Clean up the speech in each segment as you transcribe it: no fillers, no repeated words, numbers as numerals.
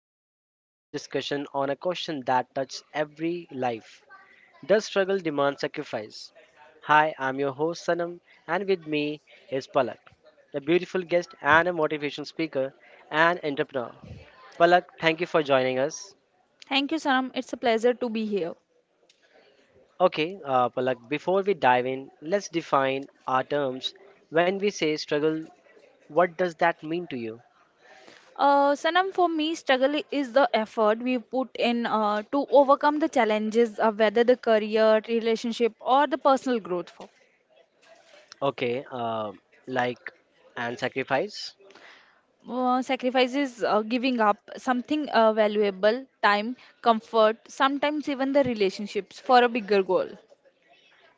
to today's special discussion on a question that touches every life. Does struggle demand sacrifice? Hi, I'm your host Sanam, and with me is Palak, a beautiful guest and a motivational speaker and entrepreneur. Palak, thank you for joining us. Thank you, Sanam. It's a pleasure to be here. Okay, Palak, before we dive in, let's define our terms. When we say struggle, what does that mean to you? Sanam, for me, struggle is the effort we put in to overcome the challenges of whether the career, relationship, or the personal growth. For Okay, uh, like and sacrifice? Sacrifices, giving up something valuable, time, comfort, sometimes even the relationships for a bigger goal.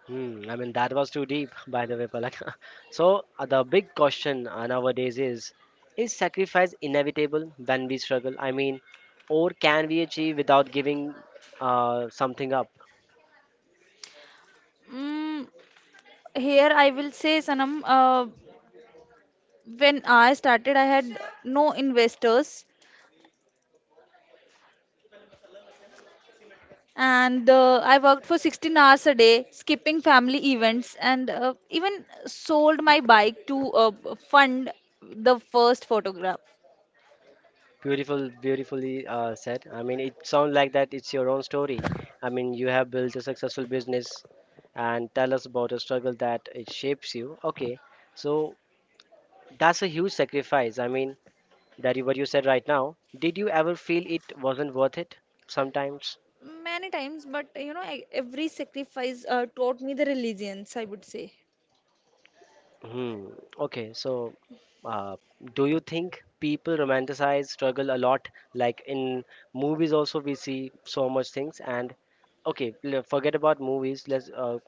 Hmm, I mean, that was too deep, by the way, Palak. So, the big question nowadays is sacrifice inevitable when we struggle? I mean, or can we achieve without giving something up? Mm, here I will say, Sanam, when I started, I had no investors, and I worked for 16 hours a day, skipping family events and even sold my bike to fund the first photograph. Beautiful, beautifully said. I mean, it sounds like that it's your own story. I mean, you have built a successful business and tell us about a struggle that it shapes you. Okay, so that's a huge sacrifice. I mean, that you, what you said right now, did you ever feel it wasn't worth it? Sometimes. Many times, but you know, every sacrifice taught me the resilience, I would say. Hmm. Okay. Uh, do you think people romanticize struggle a lot? Like in movies, also we see so much things. And okay, forget about movies. Let's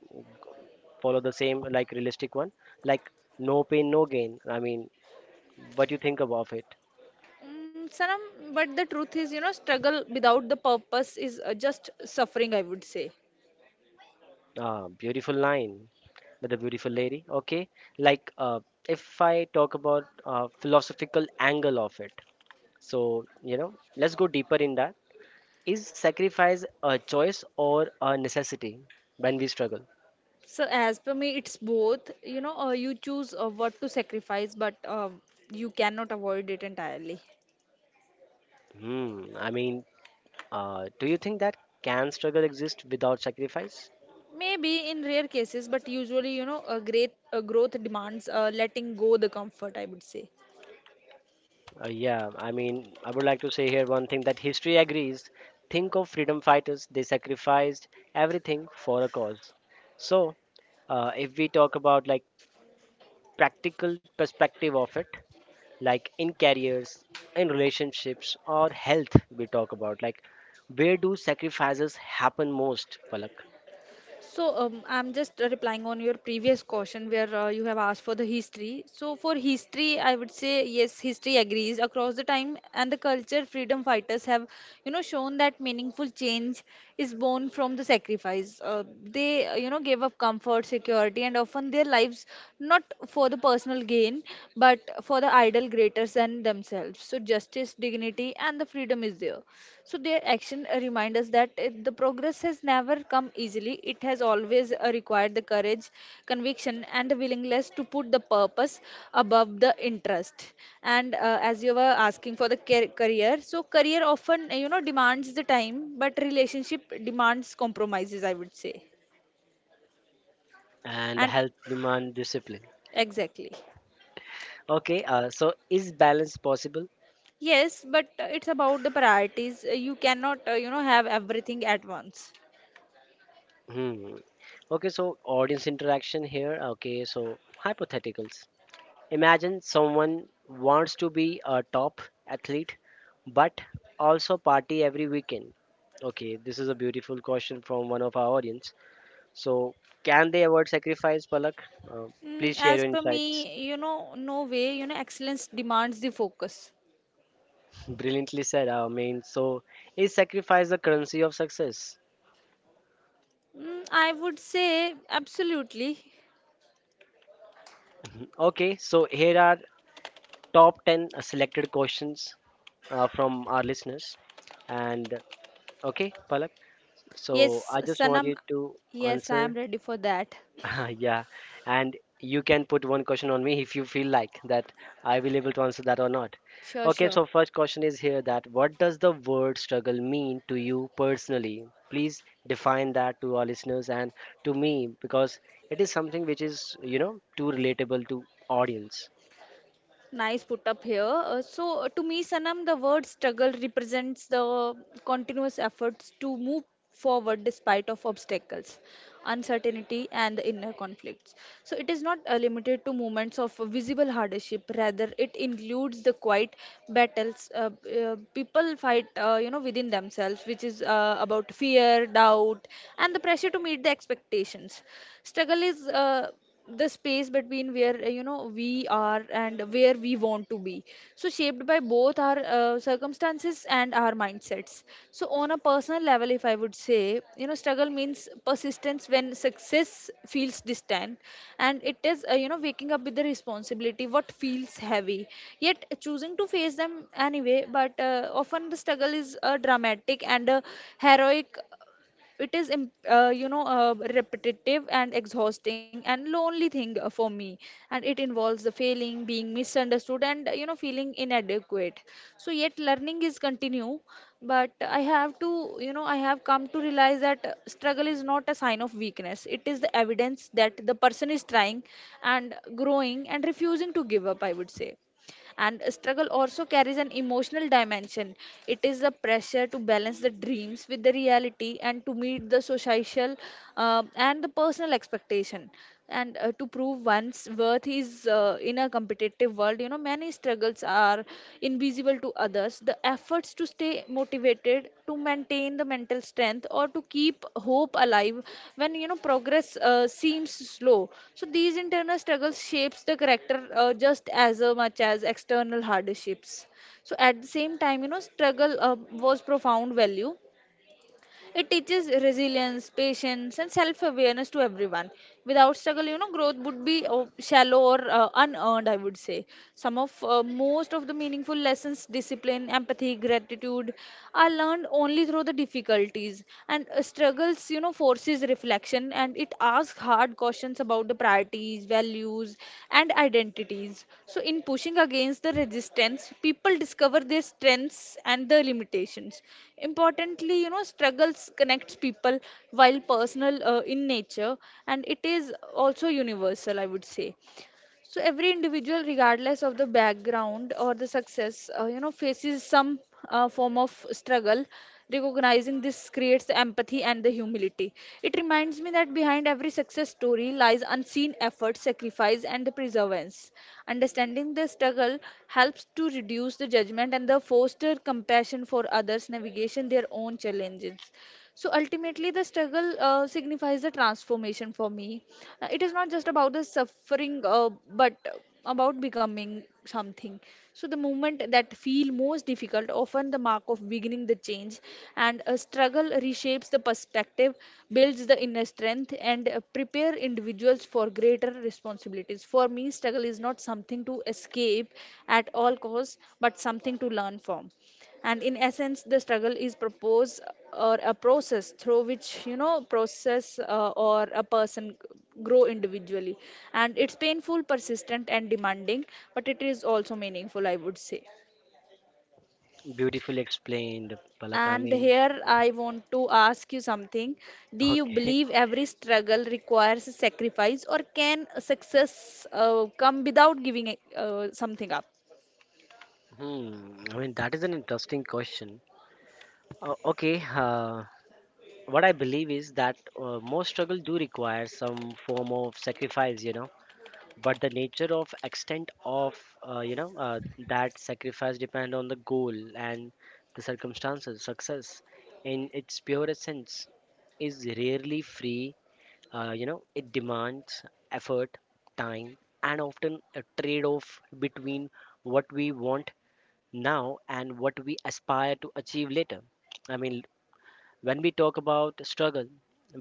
follow the same like realistic one. Like no pain, no gain. I mean, what do you think about it? Mm, Sanam, but the truth is, you know, struggle without the purpose is just suffering, I would say. Ah, beautiful line with a beautiful lady. Okay, like uh, if I talk about philosophical angle of it, so you know, let's go deeper in that. Is sacrifice a choice or a necessity when we struggle? So, as per me, it's both. You know, you choose what to sacrifice, but you cannot avoid it entirely. Hmm. I mean, do you think that can struggle exist without sacrifice? Maybe in rare cases, but usually, you know, a growth demands letting go the comfort, I would say. Yeah, I mean, I would like to say here one thing that history agrees. Think of freedom fighters, they sacrificed everything for a cause. So, if we talk about like practical perspective of it, like in careers, in relationships, or health, we talk about like where do sacrifices happen most, Palak? So, I'm just replying on your previous question where you have asked for the history. So for history, I would say yes, history agrees across the time, and the culture freedom fighters have, you know, shown that meaningful change is born from the sacrifice. They you know, gave up comfort, security, and often their lives, not for the personal gain, but for the idol greater than themselves. So justice, dignity, and the freedom is there. So their action remind us that the progress has never come easily. It has always required the courage, conviction, and the willingness to put the purpose above the interest. And as you were asking for the career, so career often you know demands the time, but relationship demands compromises, I would say, And and health demand discipline. exactly. Okay, so is balance possible? Yes, but it's about the priorities. You cannot, you know, have everything at once. Hmm. Okay, so audience interaction here. Okay, so hypotheticals. Imagine someone wants to be a top athlete but also party every weekend. Okay, this is a beautiful question from one of our audience. So, can they avoid sacrifice, Palak? Uh, Mm, Please share your as per insights. me, you know, no way, you know, excellence demands the focus. Brilliantly said, I mean, so is sacrifice the currency of success? Mm, I would say absolutely. Okay, so here are top 10 selected questions from our listeners. And okay, Palak. So Yes, I just want Sanam, you to yes, I am answer. ready for that. Yeah, and you can put one question on me if you feel like that I will able to answer that or not. Sure, Okay, sure. so first question is here that what does the word struggle mean to you personally? Please define that to our listeners and to me because it is something which is you know too relatable to audience. Nice put up here. To me, Sanam, the word struggle represents the continuous efforts to move forward despite of obstacles, uncertainty, and the inner conflicts. So, it is not limited to moments of visible hardship. Rather, it includes the quiet battles people fight, you know, within themselves, which is about fear, doubt, and the pressure to meet the expectations. Struggle is the space between where you know we are and where we want to be, so shaped by both our circumstances and our mindsets. So on a personal level, if I would say, you know, struggle means persistence when success feels distant, and it is you know waking up with the responsibility what feels heavy, yet choosing to face them anyway. But often the struggle is a dramatic and a heroic, it is you know, a repetitive and exhausting and lonely thing for me, and it involves the failing, being misunderstood, and you know feeling inadequate. So yet learning is continue, but I have come to realize that struggle is not a sign of weakness, it is the evidence that the person is trying and growing and refusing to give up, I would say. And struggle also carries an emotional dimension, it is a pressure to balance the dreams with the reality and to meet the social and the personal expectation, and to prove one's worth is in a competitive world. You know many struggles are invisible to others, the efforts to stay motivated, to maintain the mental strength, or to keep hope alive when you know progress seems slow. So these internal struggles shapes the character just as much as external hardships. So at the same time, you know, struggle was profound value, it teaches resilience, patience, and self awareness to everyone. Without struggle, you know, growth would be shallow or unearned, I would say. Some of most of the meaningful lessons, discipline, empathy, gratitude, are learned only through the difficulties. And struggles, you know, forces reflection and described, it asks hard questions about the priorities, values, and identities. So, in pushing against the resistance, people discover their strengths and their limitations. Importantly, you know, struggles connects people while personal in nature, and it is also universal, I would say. So every individual regardless of the background or the success you know faces some form of struggle. Recognizing this creates the empathy and the humility, it reminds me that behind every success story lies unseen effort, sacrifice, and the perseverance. Understanding the struggle helps to reduce the judgment and the foster compassion for others navigation their own challenges. So ultimately, the struggle signifies the transformation for me. It is not just about the suffering, but about becoming something. So the moment that feel most difficult, often the mark of beginning the change, and a struggle reshapes the perspective, builds the inner strength, and prepare individuals for greater responsibilities. For me, struggle is not something to escape at all costs, but something to learn from. And in essence, the struggle is proposed or a process through which, you know, process or a person grow individually, and it's painful, persistent, and demanding, but it is also meaningful, I would say. Beautifully explained, Palak. I And mean, here I want to ask you something, do you okay. believe every struggle requires a sacrifice, or can success come without giving something up? Hmm. I mean that is an interesting question. Okay. What I believe is that most struggle do require some form of sacrifice, you know. But the nature of extent of uh, you know uh, that sacrifice depend on the goal and the circumstances. Success, in its purest sense, is rarely free. You know, it demands effort, time, and often a trade-off between what we want now and what we aspire to achieve later. I mean, when we talk about struggle,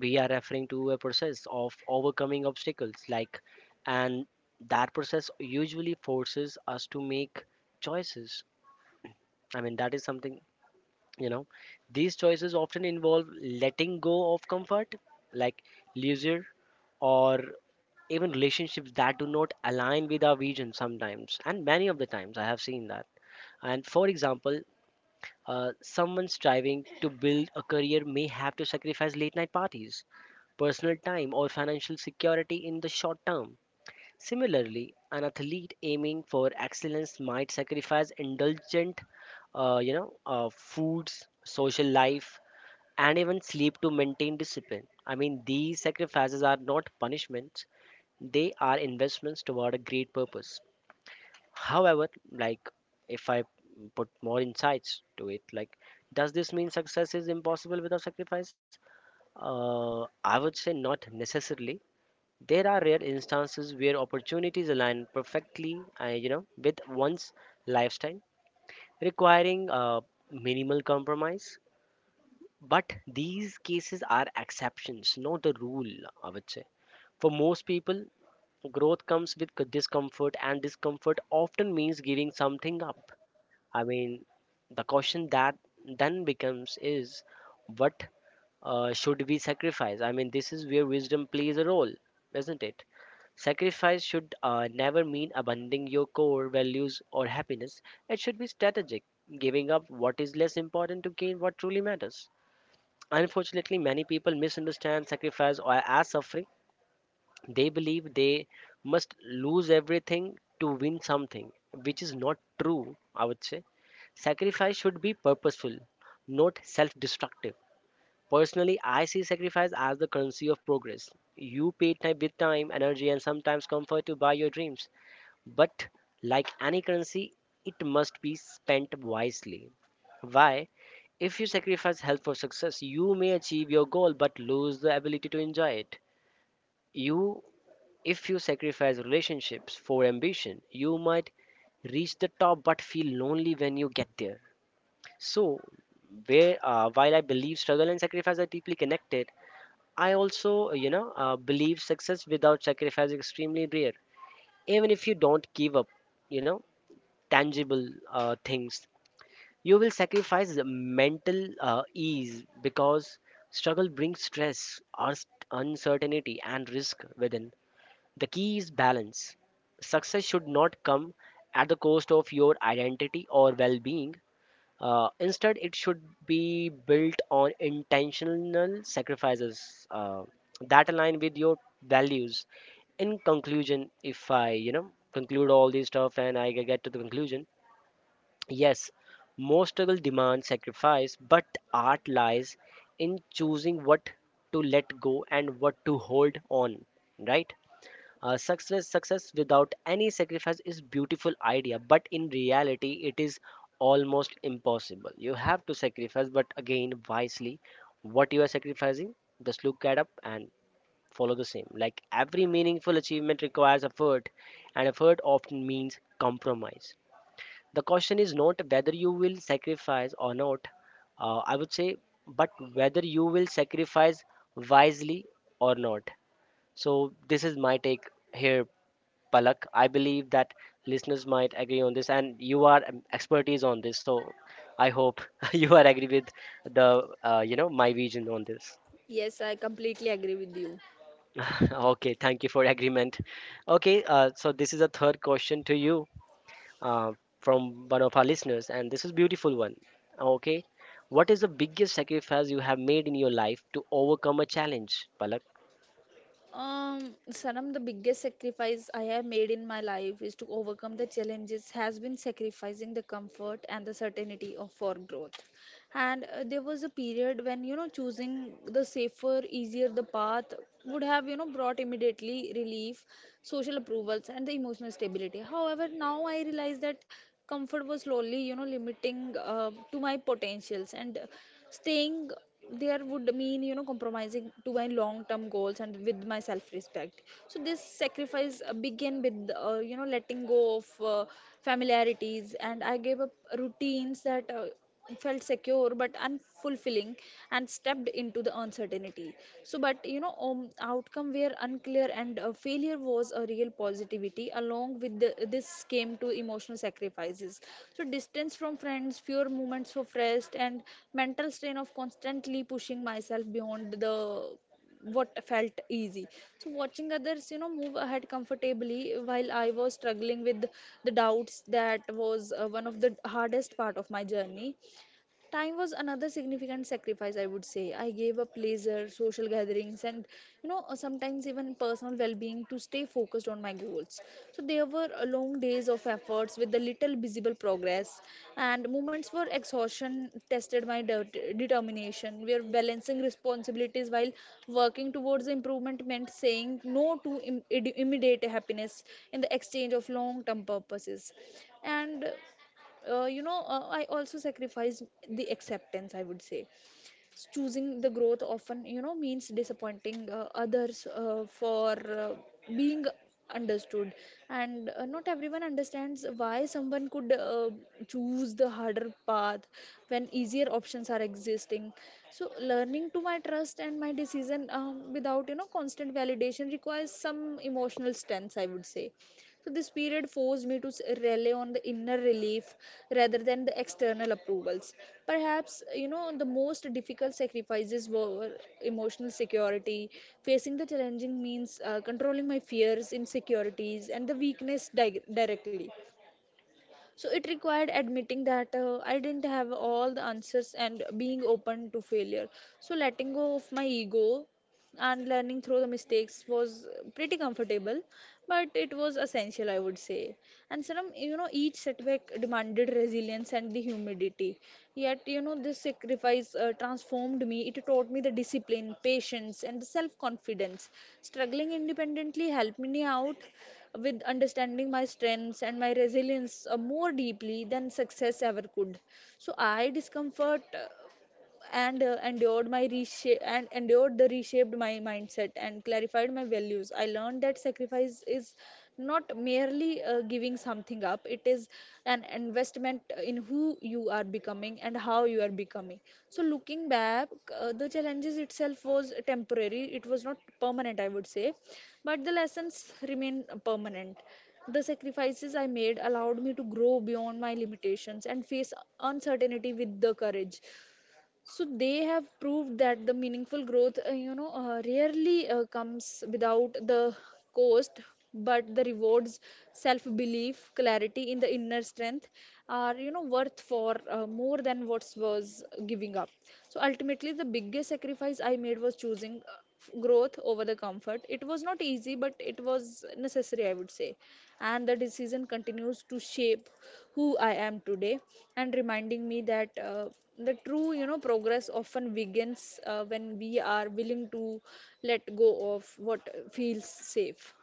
we are referring to a process of overcoming obstacles like and that process usually forces us to make choices. I mean that is something, you know, these choices often involve letting go of comfort like leisure or even relationships that do not align with our vision sometimes and many of the times I have seen that. And for example, someone striving to build a career may have to sacrifice late night parties personal time, or financial security in the short term. Similarly, an athlete aiming for excellence might sacrifice indulgent, you know, foods, social life, and even sleep to maintain discipline. I mean, these sacrifices are not punishments; they are investments toward a great purpose. However, like if I put more insights to it, like does this mean success is impossible without sacrifice? Uh, I would say not necessarily there are rare instances where opportunities align perfectly, you know, with one's lifestyle, requiring minimal compromise. But these cases are exceptions, not the rule. I would say for most people, growth comes with discomfort, and discomfort often means giving something up. I mean, the question that then becomes is what should we sacrifice? I mean, this is where wisdom plays a role, isn't it? Sacrifice should never mean abandoning your core values or happiness. It should be strategic, giving up what is less important to gain what truly matters. Unfortunately, many people misunderstand sacrifice as suffering. They believe they must lose everything to win something, which is not true, I would say. Sacrifice should be purposeful, not self destructive. Personally, I see sacrifice as the currency of progress. You pay time with time, energy, and sometimes comfort to buy your dreams. But like any currency, it must be spent wisely. Why? If you sacrifice health for success, you may achieve your goal but lose the ability to enjoy it. You if you sacrifice relationships for ambition, you might reach the top but feel lonely when you get there. So, where while I believe struggle and sacrifice are deeply connected, I also believe success without sacrifice is extremely rare. Even if you don't give up, you know tangible things, you will sacrifice the mental ease because struggle brings stress, uncertainty, and risk within the key is balance. Success should not come at the cost of your identity or well being. Instead, it should be built on intentional sacrifices that align with your values. In conclusion, if I, you know, conclude all this stuff and I get to the conclusion, yes, most struggle demands sacrifice, but art lies in choosing what to let go and what to hold on, right? Success without any sacrifice is beautiful idea, but in reality, it is almost impossible. You have to sacrifice, but again, wisely. What you are sacrificing, just look at up and follow the same. Like every meaningful achievement requires effort, and effort often means compromise. The question is not whether you will sacrifice or not. I would say, but whether you will sacrifice wisely or not. So this is my take here Palak. I believe that listeners might agree on this, and you are expertise on this. So I hope you are agree with the you know my vision on this. Yes, I completely agree with you. Okay, thank you for agreement. Okay, so this is a third question to you uh, from one of our listeners, and this is beautiful one. Okay, what is the biggest sacrifice you have made in your life to overcome a challenge, Palak? Sanam, the biggest sacrifice I have made in my life is to overcome the challenges has been sacrificing the comfort and the certainty of for growth. And there was a period when, you know, choosing the safer easier the path would have, you know, brought immediately relief, social approvals, and the emotional stability. However, now I realize that comfort was slowly, you know, limiting to my potentials, and staying there would mean, you know, compromising to my long term goals and with my self respect. So this sacrifice began with you know letting go of familiarities, and I gave up routines that felt secure but unfulfilling, and stepped into the uncertainty. So but you know um, outcome were unclear and failure was a real positivity. Along with the, this came to emotional sacrifices, so distance from friends, fewer moments of rest, and mental strain of constantly pushing myself beyond the what felt easy. So watching others, you know, move ahead comfortably while I was struggling with the doubts, that was one of the hardest part of my journey. Time was another significant sacrifice, I would say. I gave up leisure, social gatherings, and you know, sometimes even personal well being to stay focused on my goals. So, there were long days of efforts with the little visible progress, and moments where exhaustion tested my determination, where balancing responsibilities while working towards improvement meant saying no to immediate happiness in the exchange of long term purposes. And I also sacrifice the acceptance, I would say. Choosing the growth often, you know, means disappointing others for uh, being understood, and not everyone understands why someone could choose the harder path when easier options are existing. So learning to my trust and my decision, without, you know, constant validation requires some emotional strength, I would say. So this period forced me to rely on the inner relief rather than the external approvals. Perhaps, you know, the most difficult sacrifices were emotional security. Facing the challenging means controlling my fears, insecurities, and the weakness directly. So it required admitting that I didn't have all the answers and being open to failure. So letting go of my ego and learning through the mistakes was pretty comfortable but it was essential, I would say. And so, you know, each setback demanded resilience and the humidity. Yet, you know, this sacrifice transformed me. It taught me the discipline, patience, and the self-confidence. Struggling independently helped me out with understanding my strengths and my resilience more deeply than success ever could. So I discomfort and endured my reshape and endured the reshaped my mindset and clarified my values. I learned that sacrifice is not merely giving something up, it is an investment in who you are becoming and how you are becoming. So looking back, the challenges itself was temporary, it was not permanent, I would say, but the lessons remain permanent. The sacrifices I made allowed me to grow beyond my limitations and face uncertainty with the courage. So they have proved that the meaningful growth, rarely comes without the cost. But the rewards, self belief, clarity in the inner strength are, you know, worth for more than what was giving up. So ultimately the biggest sacrifice I made was choosing growth over the comfort. It was not easy, but it was necessary, I would say. And the decision continues to shape who I am today and reminding me that the true, you know, progress often begins when we are willing to let go of what feels safe.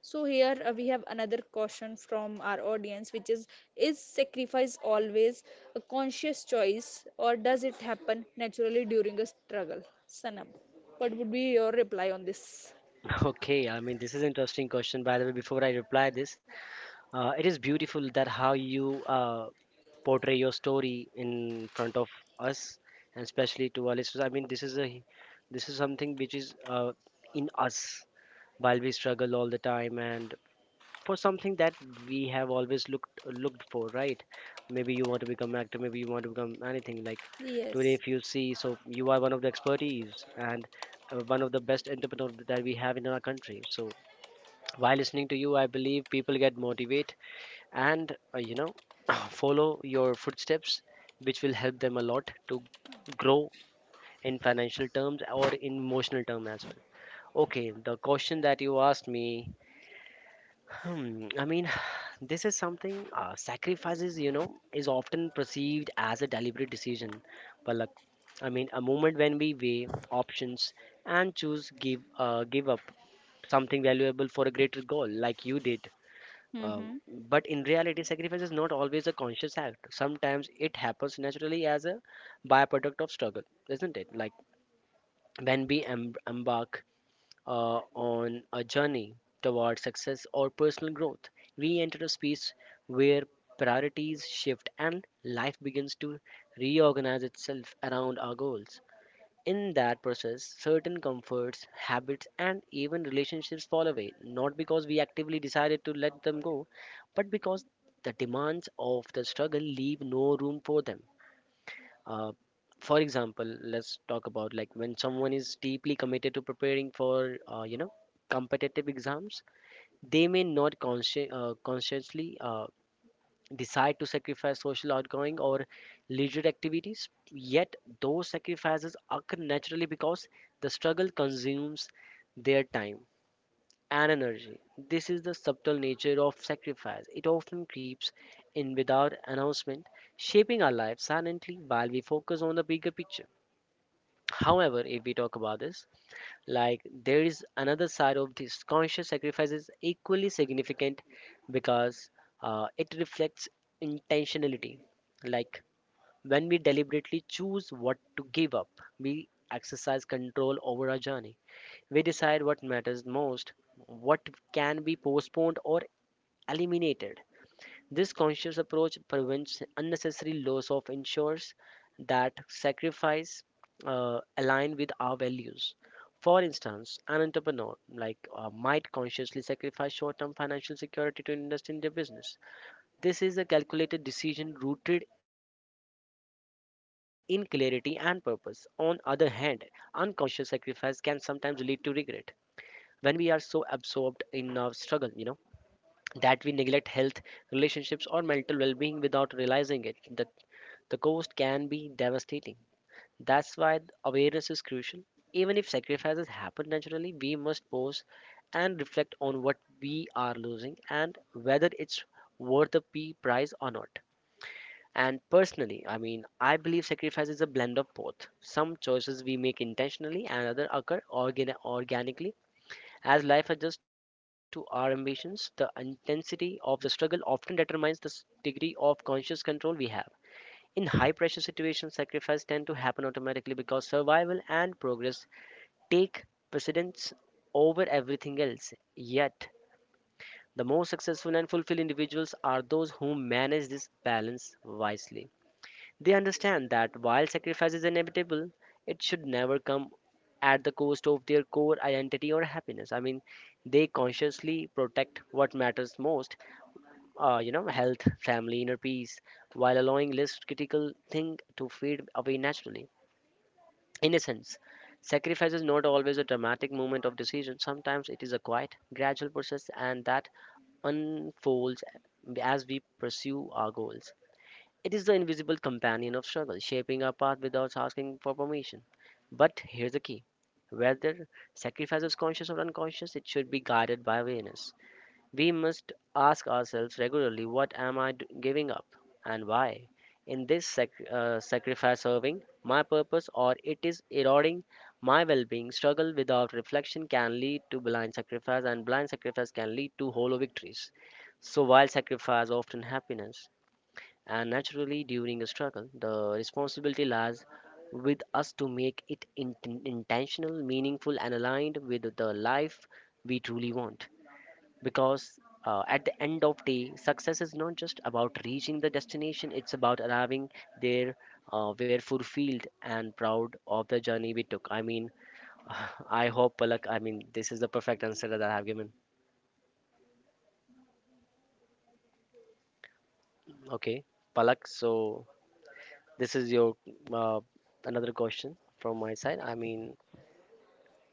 So here we have another question from our audience, which is: is sacrifice always a conscious choice, or does it happen naturally during a struggle? Sanam, what would be your reply on this? Okay, I mean this is interesting question. By the way, before I reply this, it is beautiful that how you portray your story in front of us, and especially to our listeners. I mean, this is a this is something which is in us while we struggle all the time, and for something that we have always looked for, right? Maybe you want to become actor, maybe you want to become anything. Like today, Yes. if you see, so you are one of the expertise and one of the best entrepreneurs that we have in our country. So while listening to you, I believe people get motivated and you know follow your footsteps which will help them a lot to grow in financial terms or in emotional terms as well. Okay, the question that you asked me. Hmm, I mean this is something sacrifices you know is often perceived as a deliberate decision, but look, I mean a moment when we weigh options and choose give up something valuable for a greater goal like you did. Um, Mm-hmm. but in reality, sacrifice is not always a conscious act. Sometimes it happens naturally as a byproduct of struggle, isn't it? Like when we embark on a journey toward success or personal growth, we enter a space where priorities shift and life begins to reorganize itself around our goals. In that process, certain comforts, habits, and even relationships fall away, not because we actively decided to let them go, but because the demands of the struggle leave no room for them. Uh, for example, let's talk about like when someone is deeply committed to preparing for, you know, competitive exams, they may not consciously decide to sacrifice social outgoing or leisure activities, yet those sacrifices occur naturally because the struggle consumes their time and energy. This is the subtle nature of sacrifice. It often creeps in without announcement, shaping our lives silently while we focus on the bigger picture. However, if we talk about this, like there is another side of this conscious sacrifice is equally significant because it reflects intentionality. Like when we deliberately choose what to give up, we exercise control over our journey. We decide what matters most, what can be postponed or eliminated, this conscious approach prevents unnecessary loss of ensures that sacrifice align with our values. For instance, an entrepreneur like might consciously sacrifice short-term financial security to invest in their business. This is a calculated decision rooted in clarity and purpose. On other hand, unconscious sacrifice can sometimes lead to regret when we are so absorbed in struggle, that we neglect health, relationships, or mental well being without realizing it. The cost can be devastating. That's why awareness is crucial. Even if sacrifices happen naturally, we must pause and reflect on what we are losing and whether it's worth the P price or not. And personally, I mean, I believe sacrifice is a blend of both. Some choices we make intentionally and other occur organically as life adjusts to our ambitions, the intensity of the struggle often determines the degree of conscious control we have. In high pressure situations, sacrifice tend to happen automatically because survival and progress take precedence over everything else. Yet, the most successful and fulfilled individuals are those who manage this balance wisely. They understand that while sacrifice is inevitable, it should never come at the cost of their core identity or happiness. I mean, they consciously protect what matters most, you know, health, family, inner peace, while allowing less critical thing to fade away naturally. In a sense, sacrifice is not always a dramatic moment of decision. Sometimes it is a quiet, gradual process, and that unfolds as we pursue our goals. It is the invisible companion of struggle, shaping our path without asking for permission. But here's the key whether sacrifice is conscious or unconscious, it should be guided by awareness. We must ask ourselves regularly what am I giving up and why? In this sacrifice serving my purpose or it is eroding my well being, struggle without reflection can lead to blind sacrifice, and blind sacrifice can lead to hollow victories. So, while sacrifice often happiness, and naturally, during a struggle, the responsibility lies with us to make it intentional, meaningful, and aligned with the life we truly want. Because at the end of day, success is not just about reaching the destination; it's about arriving there, we're fulfilled and proud of the journey we took. I mean, I hope Palak. I mean, this is the perfect answer that I have given. Okay, Palak. So this is your uh, another question from my side. I mean,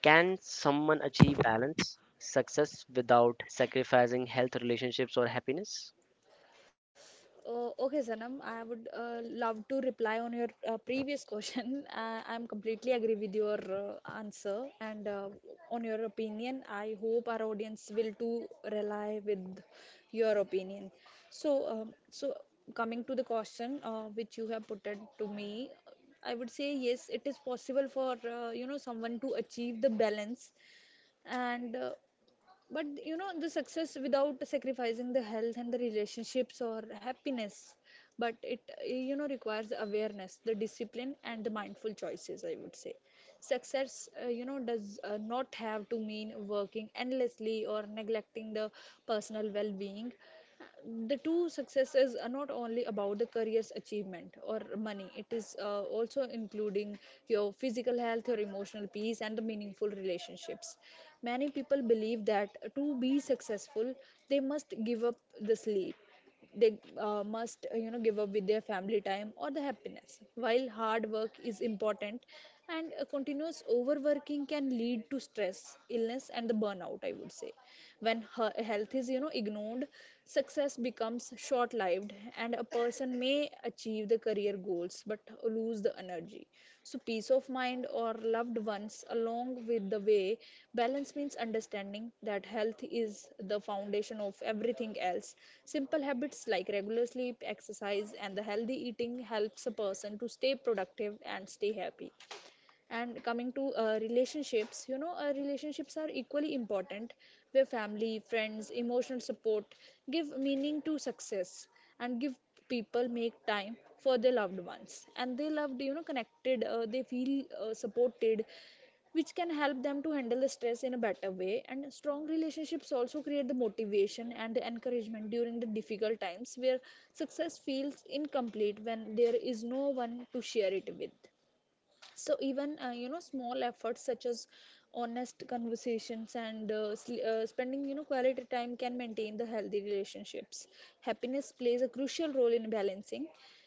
can someone achieve balance, success without sacrificing health, relationships, or happiness? Oh, okay, Sanam. I would love to reply on your previous question. I'm completely agree with your answer and on your opinion. I hope our audience will too rely with your opinion. So, so coming to the question which you have put it to me, I would say yes, it is possible for someone to achieve the balance and but you know the success without sacrificing the health and the relationships or happiness. But it, you know, requires awareness, the discipline, and the mindful choices, I would say. Success, you know, does not have to mean working endlessly or neglecting the personal well being. The two successes are not only about the career's achievement or money, it is also including your physical health, your emotional peace, and the meaningful relationships. Many people believe that to be successful they must give up the sleep, they must you know give up with their family time or the happiness. While hard work is important and continuous overworking can lead to stress, illness, and the burnout, I would say. When her health is, you know, ignored, success becomes short lived and a person may achieve the career goals but lose the energy, so peace of mind or loved ones along with the way. Balance means understanding that health is the foundation of everything else. Simple habits like regular sleep, exercise, and the healthy eating helps a person to stay productive and stay happy. And coming to relationships, you know, relationships are equally important, where family, friends, emotional support give meaning to success and give people make time for their loved ones and they loved, you know, connected, they feel supported, which can help them to handle the stress in a better way. And strong relationships also create the motivation and the encouragement during the difficult times, where success feels incomplete when there is no one to share it with. So even, you know, small efforts such as honest conversations and spending, you know, quality time can maintain the healthy relationships. Happiness plays a crucial role in balancing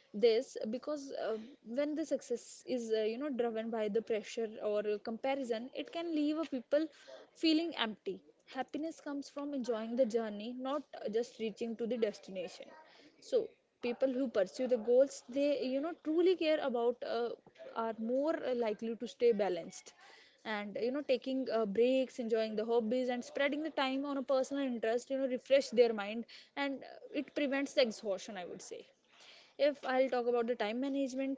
this because when the success is, you know, driven by the pressure or comparison, it can leave a people feeling empty. Happiness comes from enjoying the journey, not just reaching to the destination. So people who pursue the goals they, you know, truly care about are more likely to stay balanced. And you know, taking breaks, enjoying the hobbies, and spreading the time on a personal interest, you know, refresh their mind and it prevents the exhaustion, I would say. If I'll talk about the time management,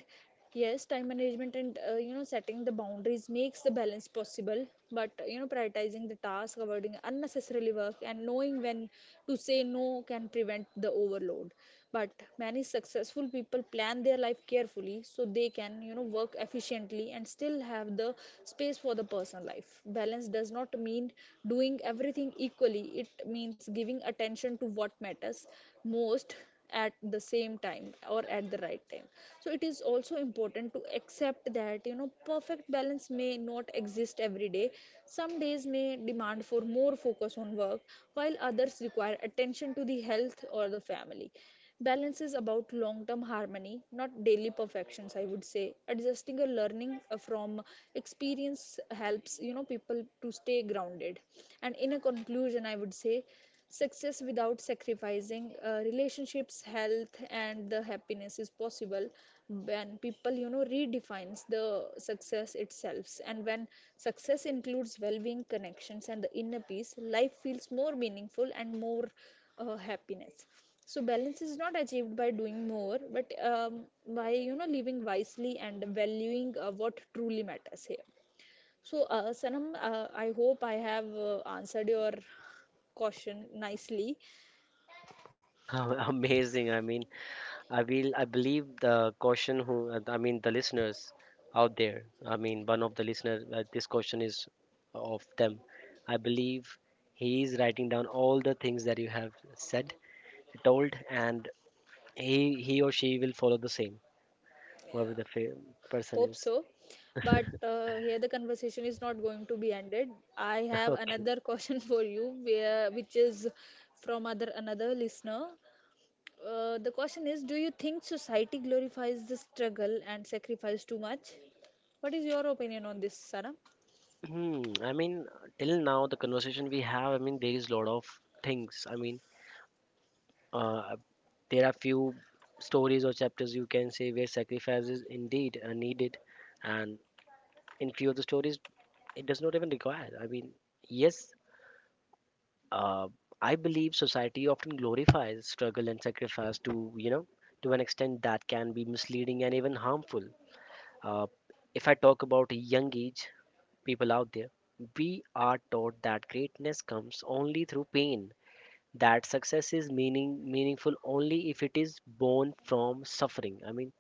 yes, time management and, you know, setting the boundaries makes the balance possible. But, you know, prioritizing the task, avoiding unnecessarily work, and knowing when to say no can prevent the overload. But many successful people plan their life carefully so they can, you know, work efficiently and still have the space for the personal life. Balance does not mean doing everything equally, it means giving attention to what matters most at the same time or at the right time. So it is also important to accept that, you know, perfect balance may not exist every day. Some days may demand for more focus on work while others require attention to the health or the family. Balance is about long term harmony, not daily perfections, I would say. Adjusting or learning from experience helps, you know, people to stay grounded. And in a conclusion, I would say success without sacrificing relationships, health, and the happiness is possible when people, you know, redefines the success itself. And when success includes well-being, connections, and the inner peace, life feels more meaningful and more happiness. So balance is not achieved by doing more but, by, you know, living wisely and valuing what truly matters here. So, Sanam, I hope I have answered your question nicely. Amazing. I mean, I will. I believe the question who. I mean, the listeners out there. I mean, one of the listeners. This question is of them. I believe he is writing down all the things that you have said, told, and he or she will follow the same. Whoever Yeah, the person hope is. so. But here the conversation is not going to be ended. I have another question for you, which is from other another listener. The question is: do you think society glorifies the struggle and sacrifice too much? What is your opinion on this, Sanam? Hmm. I mean, till now the conversation we have, I mean, there is a lot of things. I mean, uh, there are few stories or chapters you can say where sacrifice is indeed needed, and in few of the stories it does not even require. I mean, yes, uh, I believe society often glorifies struggle and sacrifice to to an extent that can be misleading and even harmful. Uh, if I talk about a young age, people out there. We are taught that greatness comes only through pain, that success is meaningful only if it is born from suffering. I mean,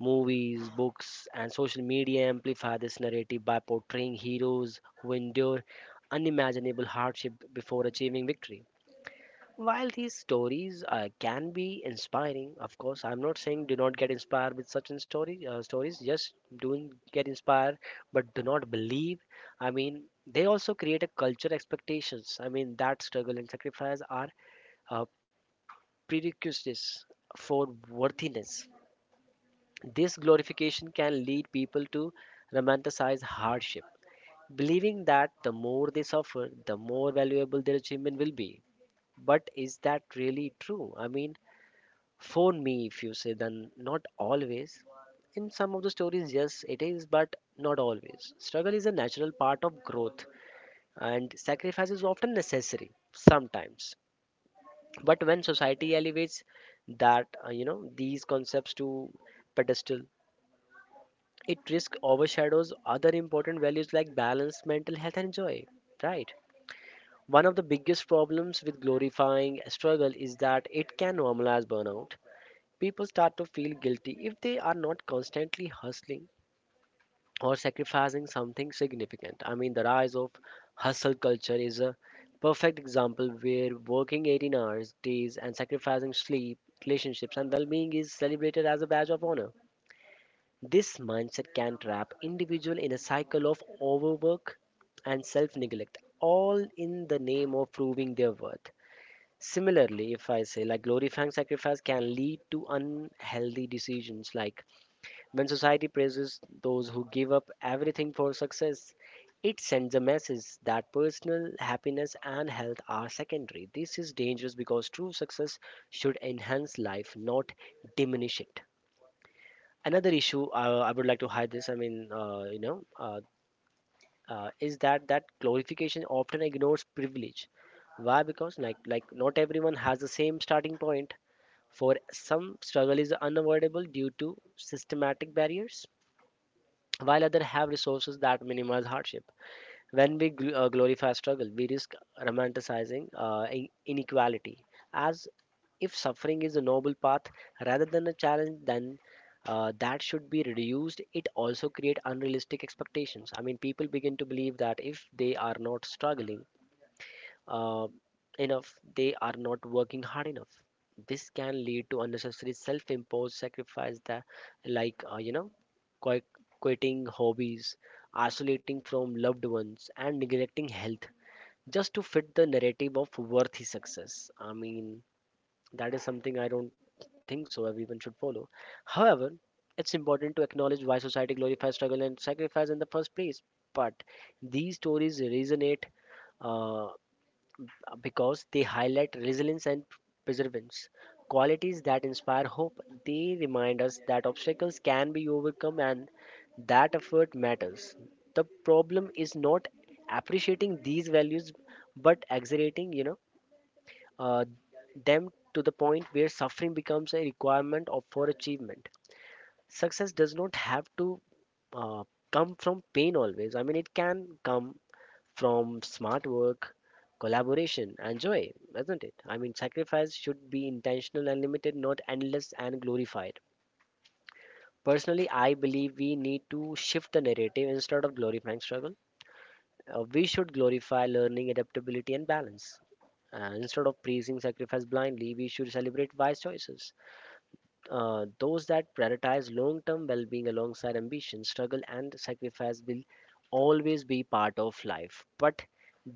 movies, books, and social media amplify this narrative by portraying heroes who endure unimaginable hardship before achieving victory. While these stories can be inspiring, of course, I'm not saying do not get inspired with such in story stories. Yes, do get inspired, but do not believe. I mean, they also create a culture expectations. I mean, that struggle and sacrifice are uh, prerequisites for worthiness. This glorification can lead people to romanticize hardship, believing that the more they suffer, the more valuable their achievement will be. But is that really true? I mean, for me, if you say, then not always. In some of the stories, yes, it is, but not always. Struggle is a natural part of growth, and sacrifice is often necessary sometimes. But when society elevates that, you know, these concepts to pedestal, it risks overshadows other important values like balance, mental health, and joy. Right. One of the biggest problems with glorifying struggle is that it can normalize burnout. People start to feel guilty if they are not constantly hustling or sacrificing something significant. I mean, the rise of hustle culture is a perfect example where working 18 hours days and sacrificing sleep, relationships, and well being is celebrated as a badge of honor. This mindset can trap individual in a cycle of overwork and self neglect, all in the name of proving their worth. Similarly, if I say like glorifying sacrifice can lead to unhealthy decisions like when society praises those who give up everything for success, it sends a message that personal happiness and health are secondary. This is dangerous because true success should enhance life, not diminish it. Another issue I would like to hide this. I mean, is that that glorification often ignores privilege. Why? Because like not everyone has the same starting point. For some, struggle is unavoidable due to systematic barriers while others have resources that minimize hardship. When we glorify struggle, we risk romanticizing inequality as if suffering is a noble path rather than a challenge then that should be reduced. It also create unrealistic expectations. I mean people begin to believe that if they are not struggling uh, enough, they are not working hard enough. This can lead to unnecessary self-imposed sacrifice that, like quit- quitting hobbies, isolating from loved ones, and neglecting health just to fit the narrative of worthy success. I mean, that is something I don't think so everyone should follow. However, it's important to acknowledge why society glorifies struggle and sacrifice in the first place. But these stories resonate. Uh, because they highlight resilience and perseverance, qualities that inspire hope. They remind us that obstacles can be overcome and that effort matters. The problem is not appreciating these values but exaggerating, you know, uh, them to the point where suffering becomes a requirement of, for achievement. Success does not have to uh, come from pain always. I mean, it can come from smart work, collaboration, and joy, isn't it? I mean, sacrifice should be intentional and limited, not endless and glorified. Personally, I believe we need to shift the narrative instead of glorifying struggle. We should glorify learning, adaptability, and balance. And instead of praising sacrifice blindly, we should celebrate wise choices those that prioritize long term well being alongside ambition, struggle, and sacrifice will always be part of life, but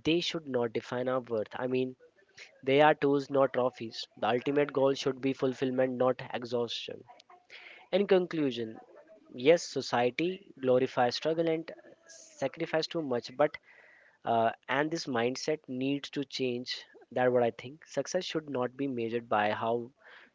they should not define our worth. I mean, they are tools, not trophies. The ultimate goal should be fulfillment, not exhaustion. In conclusion, yes, society glorifies struggle and sacrifice too much, but and this mindset needs to change, that what I think success should not be measured by how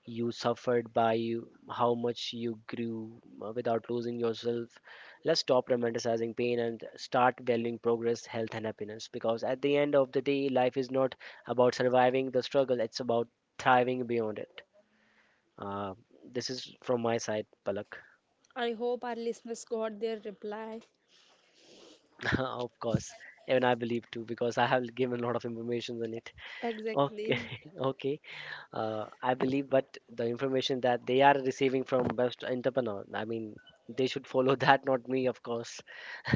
you suffered by you, how much you grew without losing yourself. Let's stop romanticizing pain and start valuing progress, health and happiness, because at the end of the day life is not about surviving the struggle, it's about thriving beyond it. uh, this is from my side, Palak. I hope our listeners got their reply. Of course, even I believe too because I have given a lot of information on it. Okay. Exactly. Okay, I believe, but the information that they are receiving from best entrepreneur, I mean, they should follow that, not me, of course.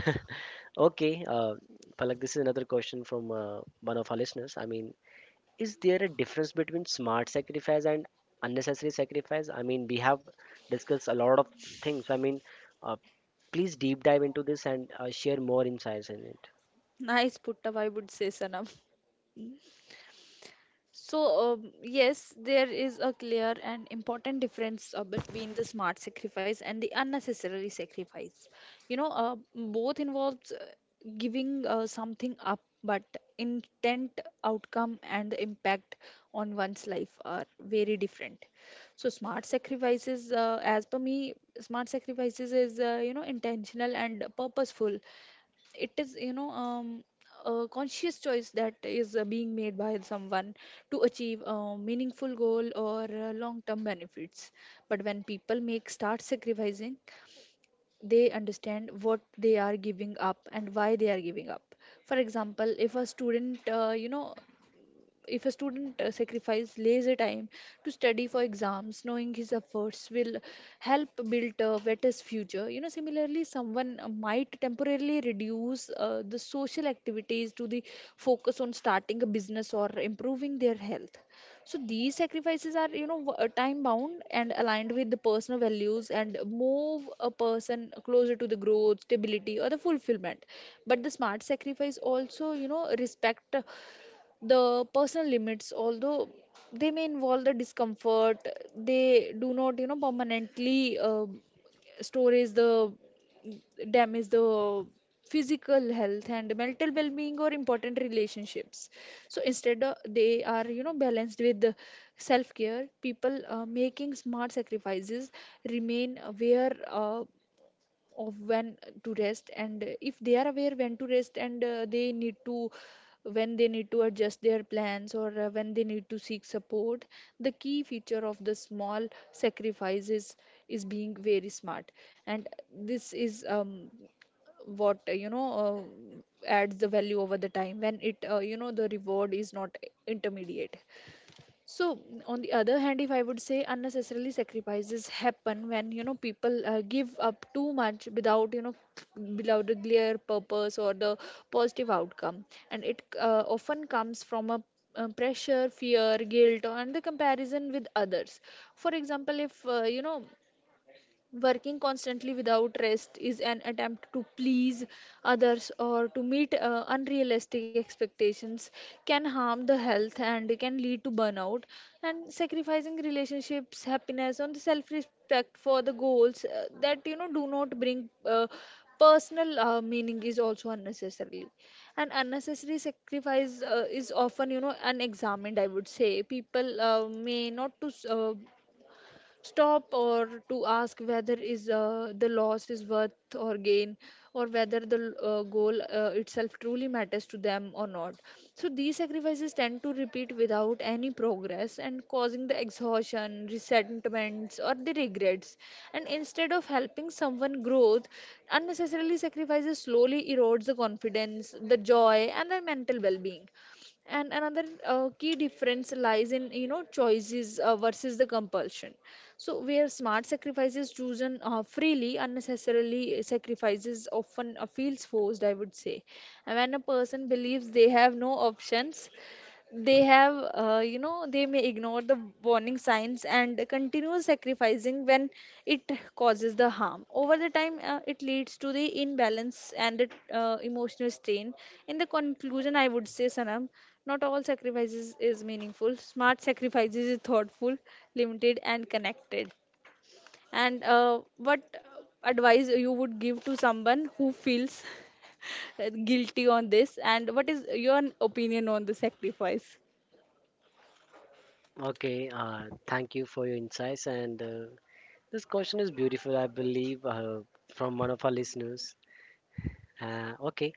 Okay, Palak, this is another question from one of our listeners. I mean, is there a difference between smart sacrifice and unnecessary sacrifice? I mean, we have discussed a lot of things. I mean, uh, please deep dive into this and share more insights in it. Nice put up, I would say, Sanam. So, yes, there is a clear and important difference between the smart sacrifice and the unnecessary sacrifice. You know, both involves giving something up, but intent, outcome, and the impact on one's life are very different. So, smart sacrifices, as per me, smart sacrifices is, you know, intentional and purposeful. It is, you know, a conscious choice that is being made by someone to achieve a meaningful goal or long term benefits. But when people make start sacrificing, they understand what they are giving up and why they are giving up. For example, if a student, you know, if a student sacrifices leisure time to study for exams, knowing his efforts will help build a better future. You know, similarly, someone might temporarily reduce the social activities to the focus on starting a business or improving their health. So these sacrifices are, you know, time bound and aligned with the personal values and move a person closer to the growth, stability, or the fulfillment. But the smart sacrifice also, you know, respect the personal limits. Although they may involve the discomfort, they do not, you know, permanently storage the damage the physical health and mental well-being or important relationships. So instead, they are, you know, balanced with the self-care. People making smart sacrifices remain aware, of when to rest and if they are aware when to rest and they need to when they need to adjust their plans or when they need to seek support. The key feature of the small sacrifices is being very smart, and this is, what you know adds the value over the time when it, you know, the reward is not intermediate. So, on the other hand, if I would say unnecessarily sacrifices happen when, you know, people give up too much without, the clear purpose or the positive outcome, and it often comes from a pressure, fear, guilt, and the comparison with others. For example, if you know working constantly without rest is an attempt to please others or to meet unrealistic expectations, can harm the health and can lead to burnout. And sacrificing relationships, happiness, and self respect for the goals that you know do not bring personal meaning is also unnecessarily. And unnecessary sacrifice is often, you know, unexamined, I would say. People may not to stop or to ask whether is the loss is worth or gain or whether the goal itself truly matters to them or not. So these sacrifices tend to repeat without any progress and causing the exhaustion, resentments, or the regrets. And instead of helping someone growth, unnecessarily sacrifices slowly erodes the confidence, the joy, and the mental well-being. And another key difference lies in, you know, choices versus the compulsion. So, where smart sacrifices chosen freely, unnecessarily sacrifices often feels forced, I would say. And when a person believes they have no options, they have you know they may ignore the warning signs and continue sacrificing when it causes the harm over the time, it leads to the imbalance and the emotional strain. In the conclusion, I would say, Sanam, not all sacrifices is meaningful. Smart sacrifices is thoughtful, limited and connected. And what advice you would give to someone who feels guilty on this, and what is your opinion on the sacrifice? Okay, thank you for your insights and. This question is beautiful, I believe, from one of our listeners. Okay.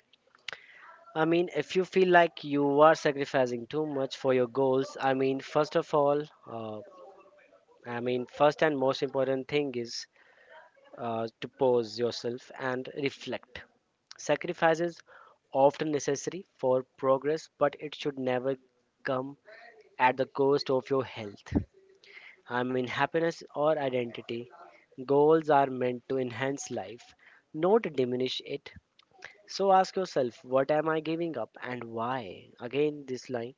I mean, if you feel like you are sacrificing too much for your goals, I mean, first of all, uh, I mean, first and most important thing is to pause yourself and reflect. Sacrifice is often necessary for progress, but it should never come at the cost of your health. I mean, happiness or identity. Goals are meant to enhance life, not diminish it. So ask yourself, what am I giving up and why? Again, this line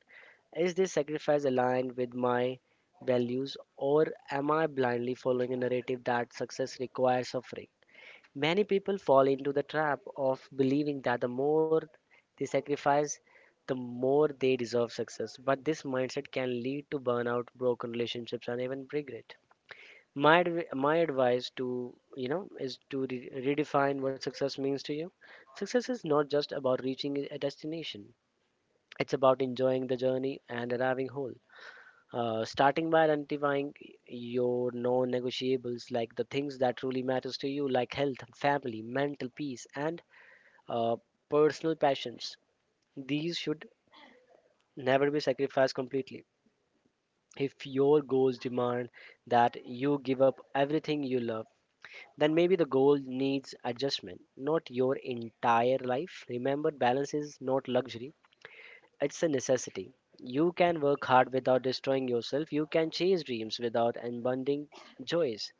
is this sacrifice aligned with my values, or am I blindly following a narrative that success requires suffering? Many people fall into the trap of believing that the more they sacrifice, the more they deserve success. But this mindset can lead to burnout, broken relationships, and even regret. My advice to you know is to redefine what success means to you. Success is not just about reaching a destination, it's about enjoying the journey and arriving whole. Starting by identifying your non-negotiables, like the things that truly matters to you, like health, family, mental peace, and uh, personal passions. These should never be sacrificed completely. If your goals demand that you give up everything you love, then maybe the goal needs adjustment, not your entire life. Remember, balance is not luxury, it's a necessity. You can work hard without destroying yourself, you can chase dreams without unbundling joys.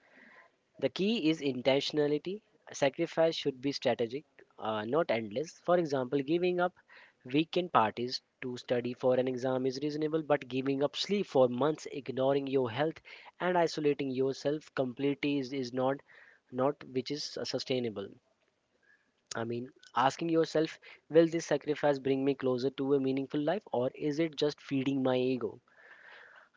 The key is intentionality. Sacrifice should be strategic, not endless. For example, giving up weekend parties to study for an exam is reasonable, but giving up sleep for months, ignoring your health, and isolating yourself completely is not not which is sustainable. I mean, Asking yourself, will this sacrifice bring me closer to a meaningful life, or is it just feeding my ego?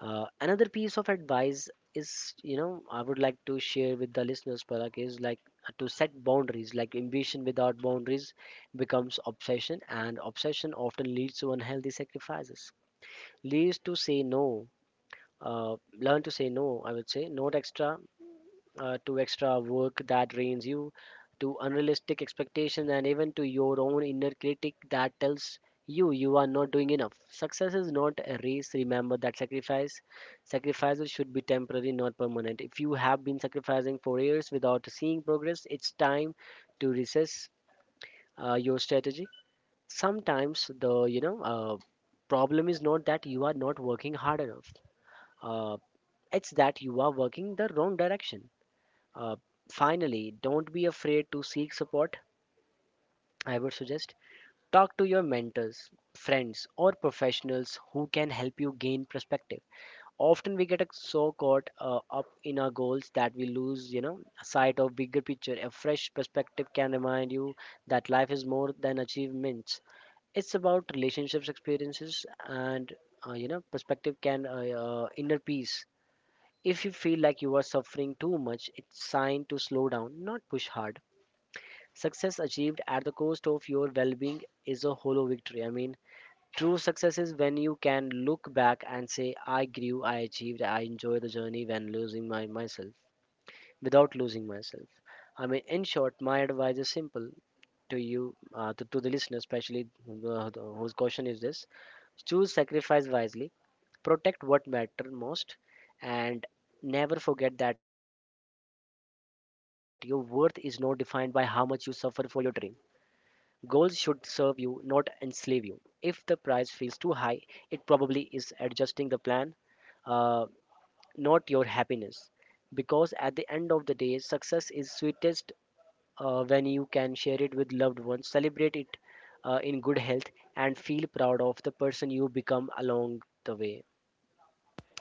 Another piece of advice is, you know, I would like to share with the listeners, Palak, is like to set boundaries. Like, ambition without boundaries becomes obsession, and obsession often leads to unhealthy sacrifices. Leads to say no. Learn to say no. I would say not extra, to extra work that drains you, to unrealistic expectations, and even to your own inner critic that tells you you are not doing enough. Success is not a race. Remember that sacrifices should be temporary, not permanent. If you have been sacrificing for years without seeing progress, it's time to recess your strategy. Sometimes the problem is not that you are not working hard enough. Uh, it's that you are working the wrong direction. uh, Finally, don't be afraid to seek support. I would suggest talk to your mentors, friends, or professionals who can help you gain perspective. Often we get so caught up in our goals that we lose, you know, sight of bigger picture. A fresh perspective can remind you that life is more than achievements. It's about relationships, experiences, and you know, perspective can inner peace. If you feel like you are suffering too much, it's sign to slow down, not push hard. Success achieved at the cost of your well being is a hollow victory. I mean, true success is when you can look back and say, I grew, I achieved, I enjoy the journey when losing my myself without losing myself. I mean, in short, my advice is simple to you, to the listener, especially uh, whose question is this, choose sacrifice wisely, protect what matters most, and never forget that your worth is not defined by how much you suffer for your dream. Goals should serve you, not enslave you. If the price feels too high, it probably is adjusting the plan, uh, not your happiness. Because at the end of the day, success is sweetest when you can share it with loved ones, celebrate it in good health, and feel proud of the person you become along the way.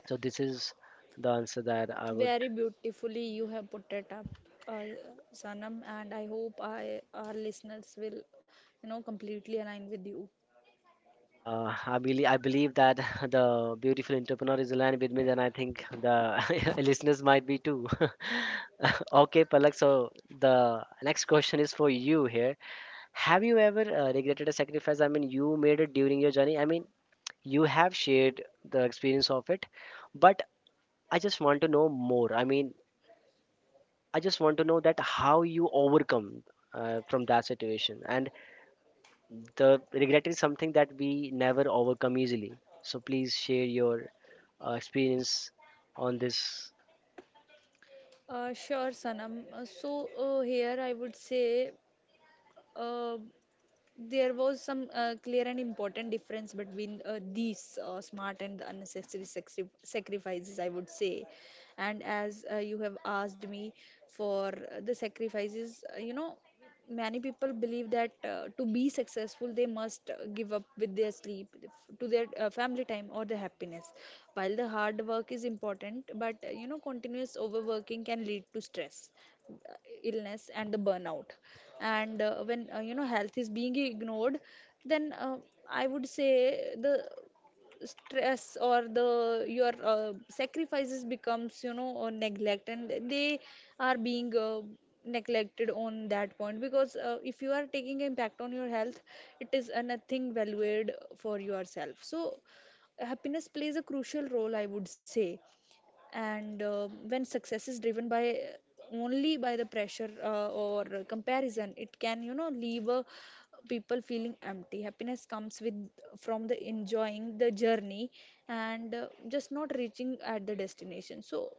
So, this is the answer that I would. Very beautifully you have put it up, uh, Sanam, and I hope I, our listeners will, completely align with you. I believe that the beautiful entrepreneur is aligned with me. Then I think the listeners might be too. Okay, Palak. So the next question is for you here. Have you ever regretted a sacrifice? I mean, you made it during your journey. I mean, you have shared the experience of it, but I just want to know more. I mean, I just want to know that how you overcome from that situation, and the regret is something that we never overcome easily. So please share your experience on this. Sure, Sanam. Here I would say uh, there was some clear and important difference between these smart and the unnecessary sacrifices, I would say. And as you have asked me for the sacrifices, many people believe that to be successful they must give up with their sleep, to their family time or their happiness. While the hard work is important, but continuous overworking can lead to stress, uh, illness and the burnout. And when health is being ignored, then I would say the stress or the your sacrifices becomes neglect, and they are being neglected on that point, because if you are taking impact on your health, it is a nothing valued for yourself. So happiness plays a crucial role, I would say. And when success is driven by only by the pressure or comparison, it can, leave people feeling empty. Happiness comes with from the enjoying the journey, and just not reaching at the destination. So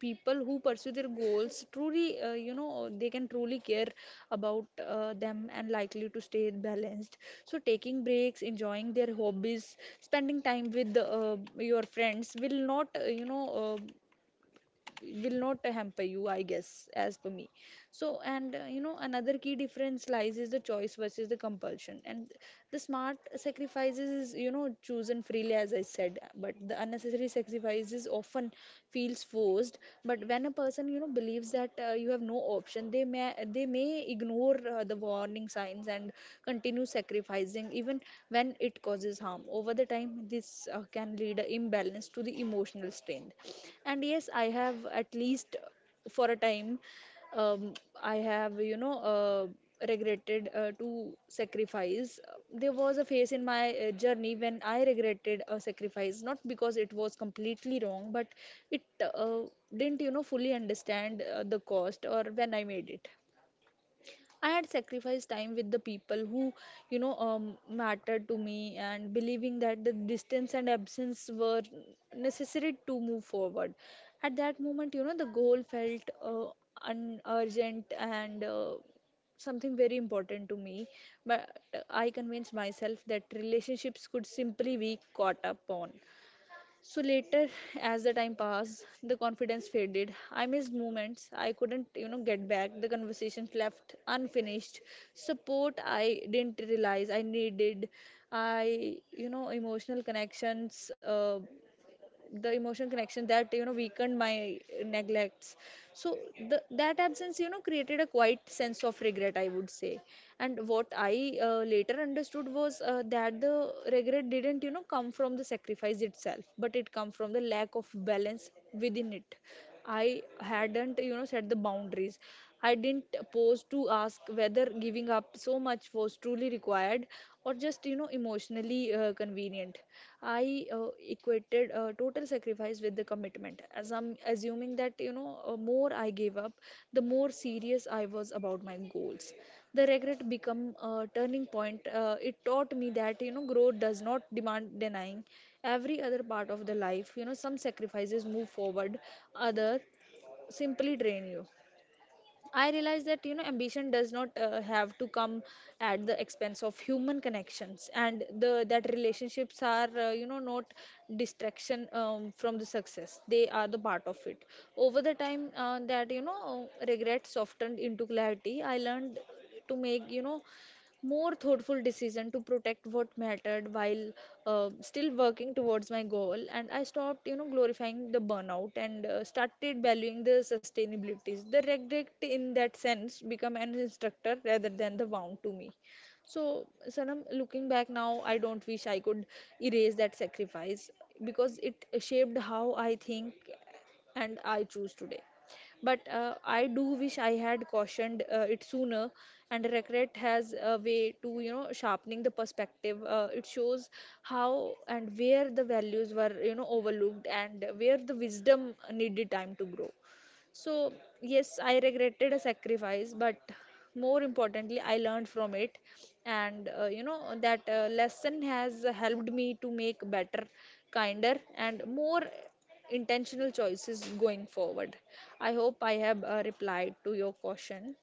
people who pursue their goals truly, they can truly care about them and likely to stay balanced. So taking breaks, enjoying their hobbies, spending time with your friends will not, will not hamper you, I guess, as per me. So and, another key difference lies is the choice versus the compulsion. And the smart sacrifices is, chosen freely, as I said, but the unnecessary sacrifices often feels forced. But when a person, believes that you have no option, they may ignore the warning signs and continue sacrificing even when it causes harm over the time. This can lead a imbalance to the emotional strain. And yes, I have, at least for a time, um, I have, regretted to sacrifice. There was a phase in my journey when I regretted a sacrifice, not because it was completely wrong, but it didn't, fully understand the cost or when I made it. I had sacrificed time with the people who, mattered to me, and believing that the distance and absence were necessary to move forward. At that moment, the goal felt urgent and something very important to me. But I convinced myself that relationships could simply be caught up on. So later, as the time passed, the confidence faded. I missed moments I couldn't, get back. The conversations left unfinished. Support I didn't realize I needed. I, you know, Emotional connections. The emotional connection that, weakened my neglects. So the, that absence, created a quiet sense of regret, I would say. And what I later understood was that the regret didn't, come from the sacrifice itself, but it come from the lack of balance within it. I hadn't, set the boundaries. I didn't pause to ask whether giving up so much was truly required, or just, emotionally convenient. I equated total sacrifice with the commitment, as I'm assuming that, more I gave up, the more serious I was about my goals. The regret became a turning point. It taught me that, growth does not demand denying every other part of the life. Some sacrifices move forward, other simply drain you. I realize that, ambition does not have to come at the expense of human connections, and the that relationships are, not distraction from the success. They are the part of it. Over the time, that you know regret softened into clarity. I learned to make, more thoughtful decision to protect what mattered, while still working towards my goal. And I stopped, glorifying the burnout and started valuing the sustainabilities. The regret in that sense become an instructor rather than the wound to me. So Sanam, looking back now, I don't wish I could erase that sacrifice, because it shaped how I think and I choose today. But I do wish I had cautioned it sooner, and regret has a way to, sharpening the perspective. It shows how and where the values were, overlooked, and where the wisdom needed time to grow. So, yes, I regretted a sacrifice, but more importantly, I learned from it. And that lesson has helped me to make better, kinder, and more intentional choices going forward. I hope I have replied to your question.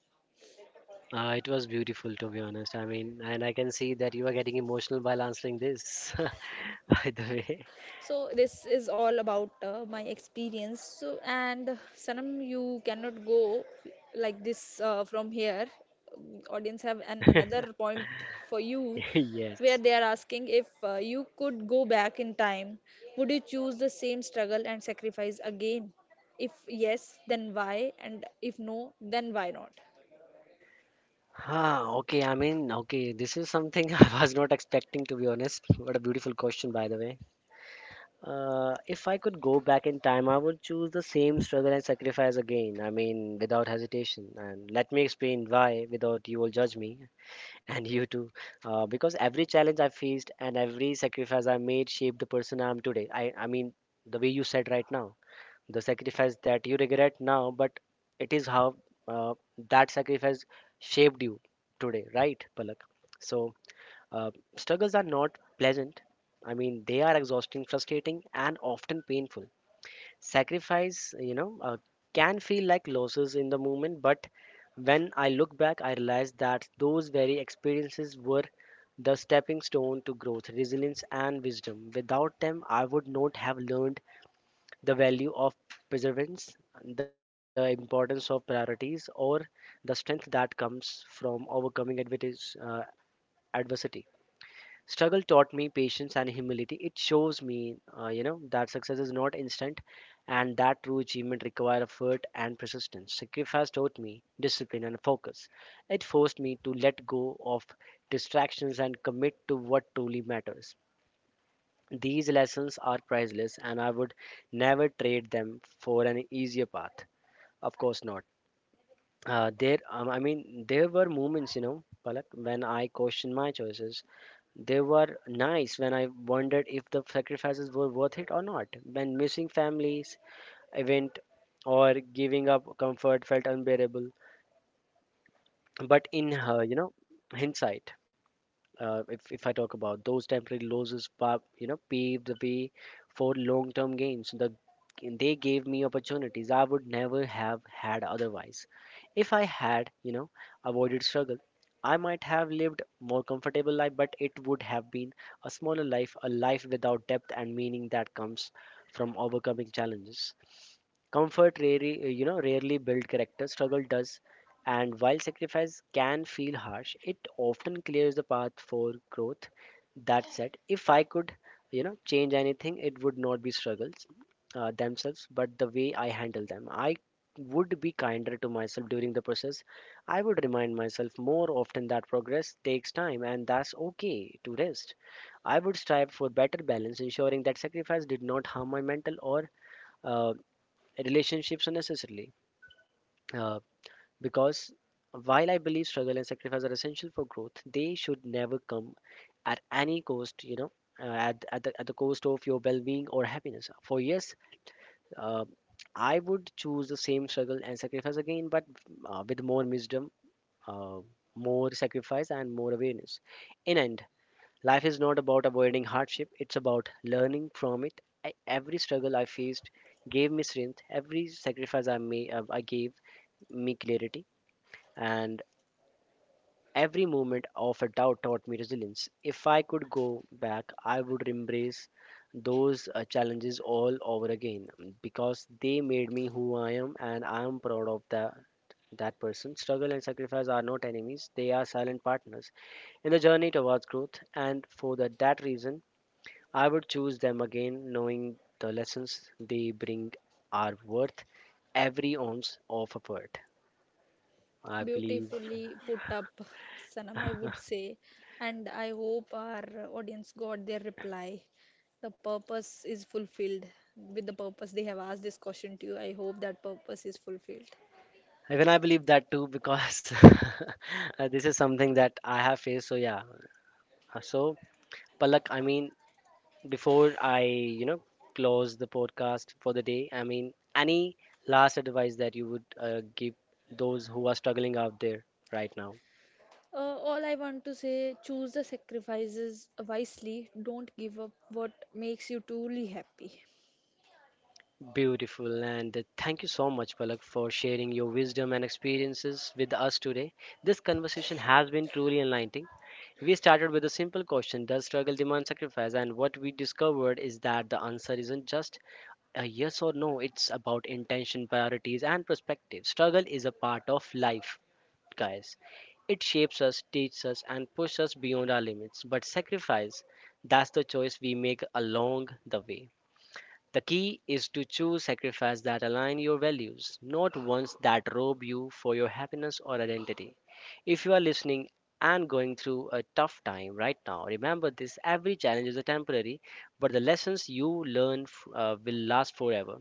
It was beautiful, to be honest. I mean, and I can see that you are getting emotional while answering this, by the way. So this is all about my experience. So and Sanam, you cannot go like this from here. Um, Audience have an another point for you, where Yes. they are asking if you could go back in time, would you choose the same struggle and sacrifice again? If yes, then why, and if no, then why not? Huh, okay, I mean, okay, this is something I was not expecting, to be honest. What a beautiful question, by the way. If I could go back in time, I would choose the same struggle and sacrifice again. I mean, without hesitation. And let me explain why, without you will judge me. And you too. Because every challenge I faced and every sacrifice I made shaped the person I am today. I mean, the way you said right now, the sacrifice that you regret now, but it is how uh, that sacrifice shaped you today, right, Palak? So, struggles are not pleasant. I mean, they are exhausting, frustrating, and often painful. Sacrifice, you know, can feel like losses in the moment, but when I look back, I realize that those very experiences were the stepping stone to growth, resilience, and wisdom. Without them, I would not have learned the value of perseverance, the importance of priorities, or the strength that comes from overcoming adversity. Struggle taught me patience and humility. It shows me, you know, that success is not instant and that true achievement requires effort and persistence. Sacrifice taught me discipline and focus. It forced me to let go of distractions and commit to what truly matters. These lessons are priceless and I would never trade them for an easier path. Of course not. I mean, there were moments, you know, Palak, when I questioned my choices. They were nice when I wondered if the sacrifices were worth it or not. When missing families, event, or giving up comfort felt unbearable. But in her, you know, hindsight, if I talk about those temporary losses, you know, paved the way for long-term gains. They gave me opportunities I would never have had otherwise. If I had, you know, avoided struggle, I might have lived more comfortable life, but it would have been a smaller life, a life without depth and meaning that comes from overcoming challenges. Comfort you know, rarely build character. Struggle does, and while sacrifice can feel harsh, it often clears the path for growth. That said, if I could, you know, change anything, it would not be struggles themselves, but the way I handle them. I would be kinder to myself during the process. I would remind myself more often that progress takes time, and that's okay to rest. I would strive for better balance, ensuring that sacrifice did not harm my mental or uh, relationships unnecessarily, uh, because while I believe struggle and sacrifice are essential for growth, they should never come at any cost, you know, at the cost of your well-being or happiness for years. uh, I would choose the same struggle and sacrifice again, but with more wisdom, uh, more sacrifice and more awareness. In end, life is not about avoiding hardship, it's about learning from it. Every struggle I faced gave me strength, every sacrifice I made I gave me clarity, and every moment of a doubt taught me resilience. If I could go back, I would embrace those challenges all over again because they made me who I am, and I am proud of that. That person. Struggle and sacrifice are not enemies, they are silent partners in the journey towards growth, and for that reason, I would choose them again, knowing the lessons they bring are worth every ounce of effort. I believe. Beautifully put up, Sanam, I would say. And I hope our audience got their reply. The purpose is fulfilled. With the purpose they have asked this question to you, I hope that purpose is fulfilled. Even I believe that too because this is something that I have faced. So yeah. So Palak, I mean, before I, you know, close the podcast for the day, I mean, any last advice that you would give those who are struggling out there right now? All I want to say, choose the sacrifices wisely. Don't give up what makes you truly happy. Beautiful, and thank you so much, Palak, for sharing your wisdom and experiences with us today. This conversation has been truly enlightening. We started with a simple question: does struggle demand sacrifice? And what we discovered is that the answer isn't just a yes or no, it's about intention, priorities, and perspective. Struggle is a part of life, guys. It shapes us, teaches us, and pushes us beyond our limits. But sacrifice, that's the choice we make along the way. The key is to choose sacrifices that align your values, not ones that rob you for your happiness or identity. If you are listening and going through a tough time right now, remember this: every challenge is a temporary, but the lessons you learn will last forever.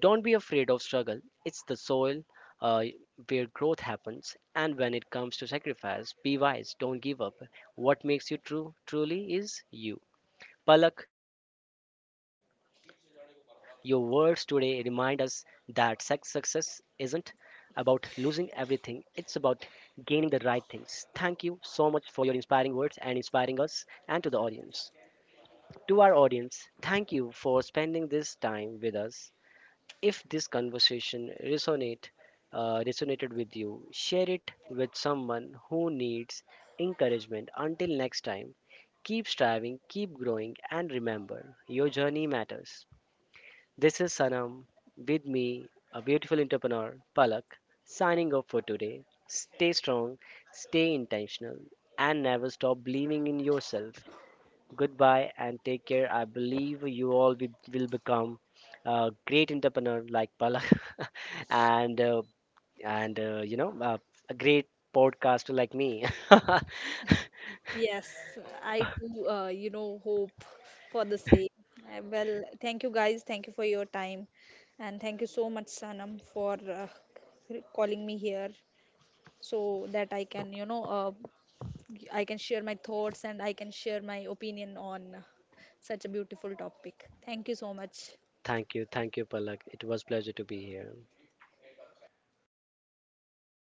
Don't be afraid of struggle, it's the soil uh, where growth happens. And when it comes to sacrifice, be wise, don't give up. What makes you true truly is you. Palak, your words today remind us that sex success isn't about losing everything, it's about gaining the right things. Thank you so much for your inspiring words and inspiring us and to the audience. To our audience, thank you for spending this time with us. If this conversation resonated with you, share it with someone who needs encouragement. Until next time, keep striving, keep growing, and remember, your journey matters. This is Sanam with me, a beautiful entrepreneur, Palak, signing off for today. Stay strong, stay intentional, and never stop believing in yourself. Goodbye and take care. I believe you will become a great entrepreneur like Palak and uh, and you know, a great podcaster like me. Yes, I too, hope for the same. Well, thank you guys. Thank you for your time. And thank you so much, Sanam, for calling me here, so that I can, I can share my thoughts and I can share my opinion on such a beautiful topic. Thank you so much. Thank you, thank you, Palak. It was pleasure to be here.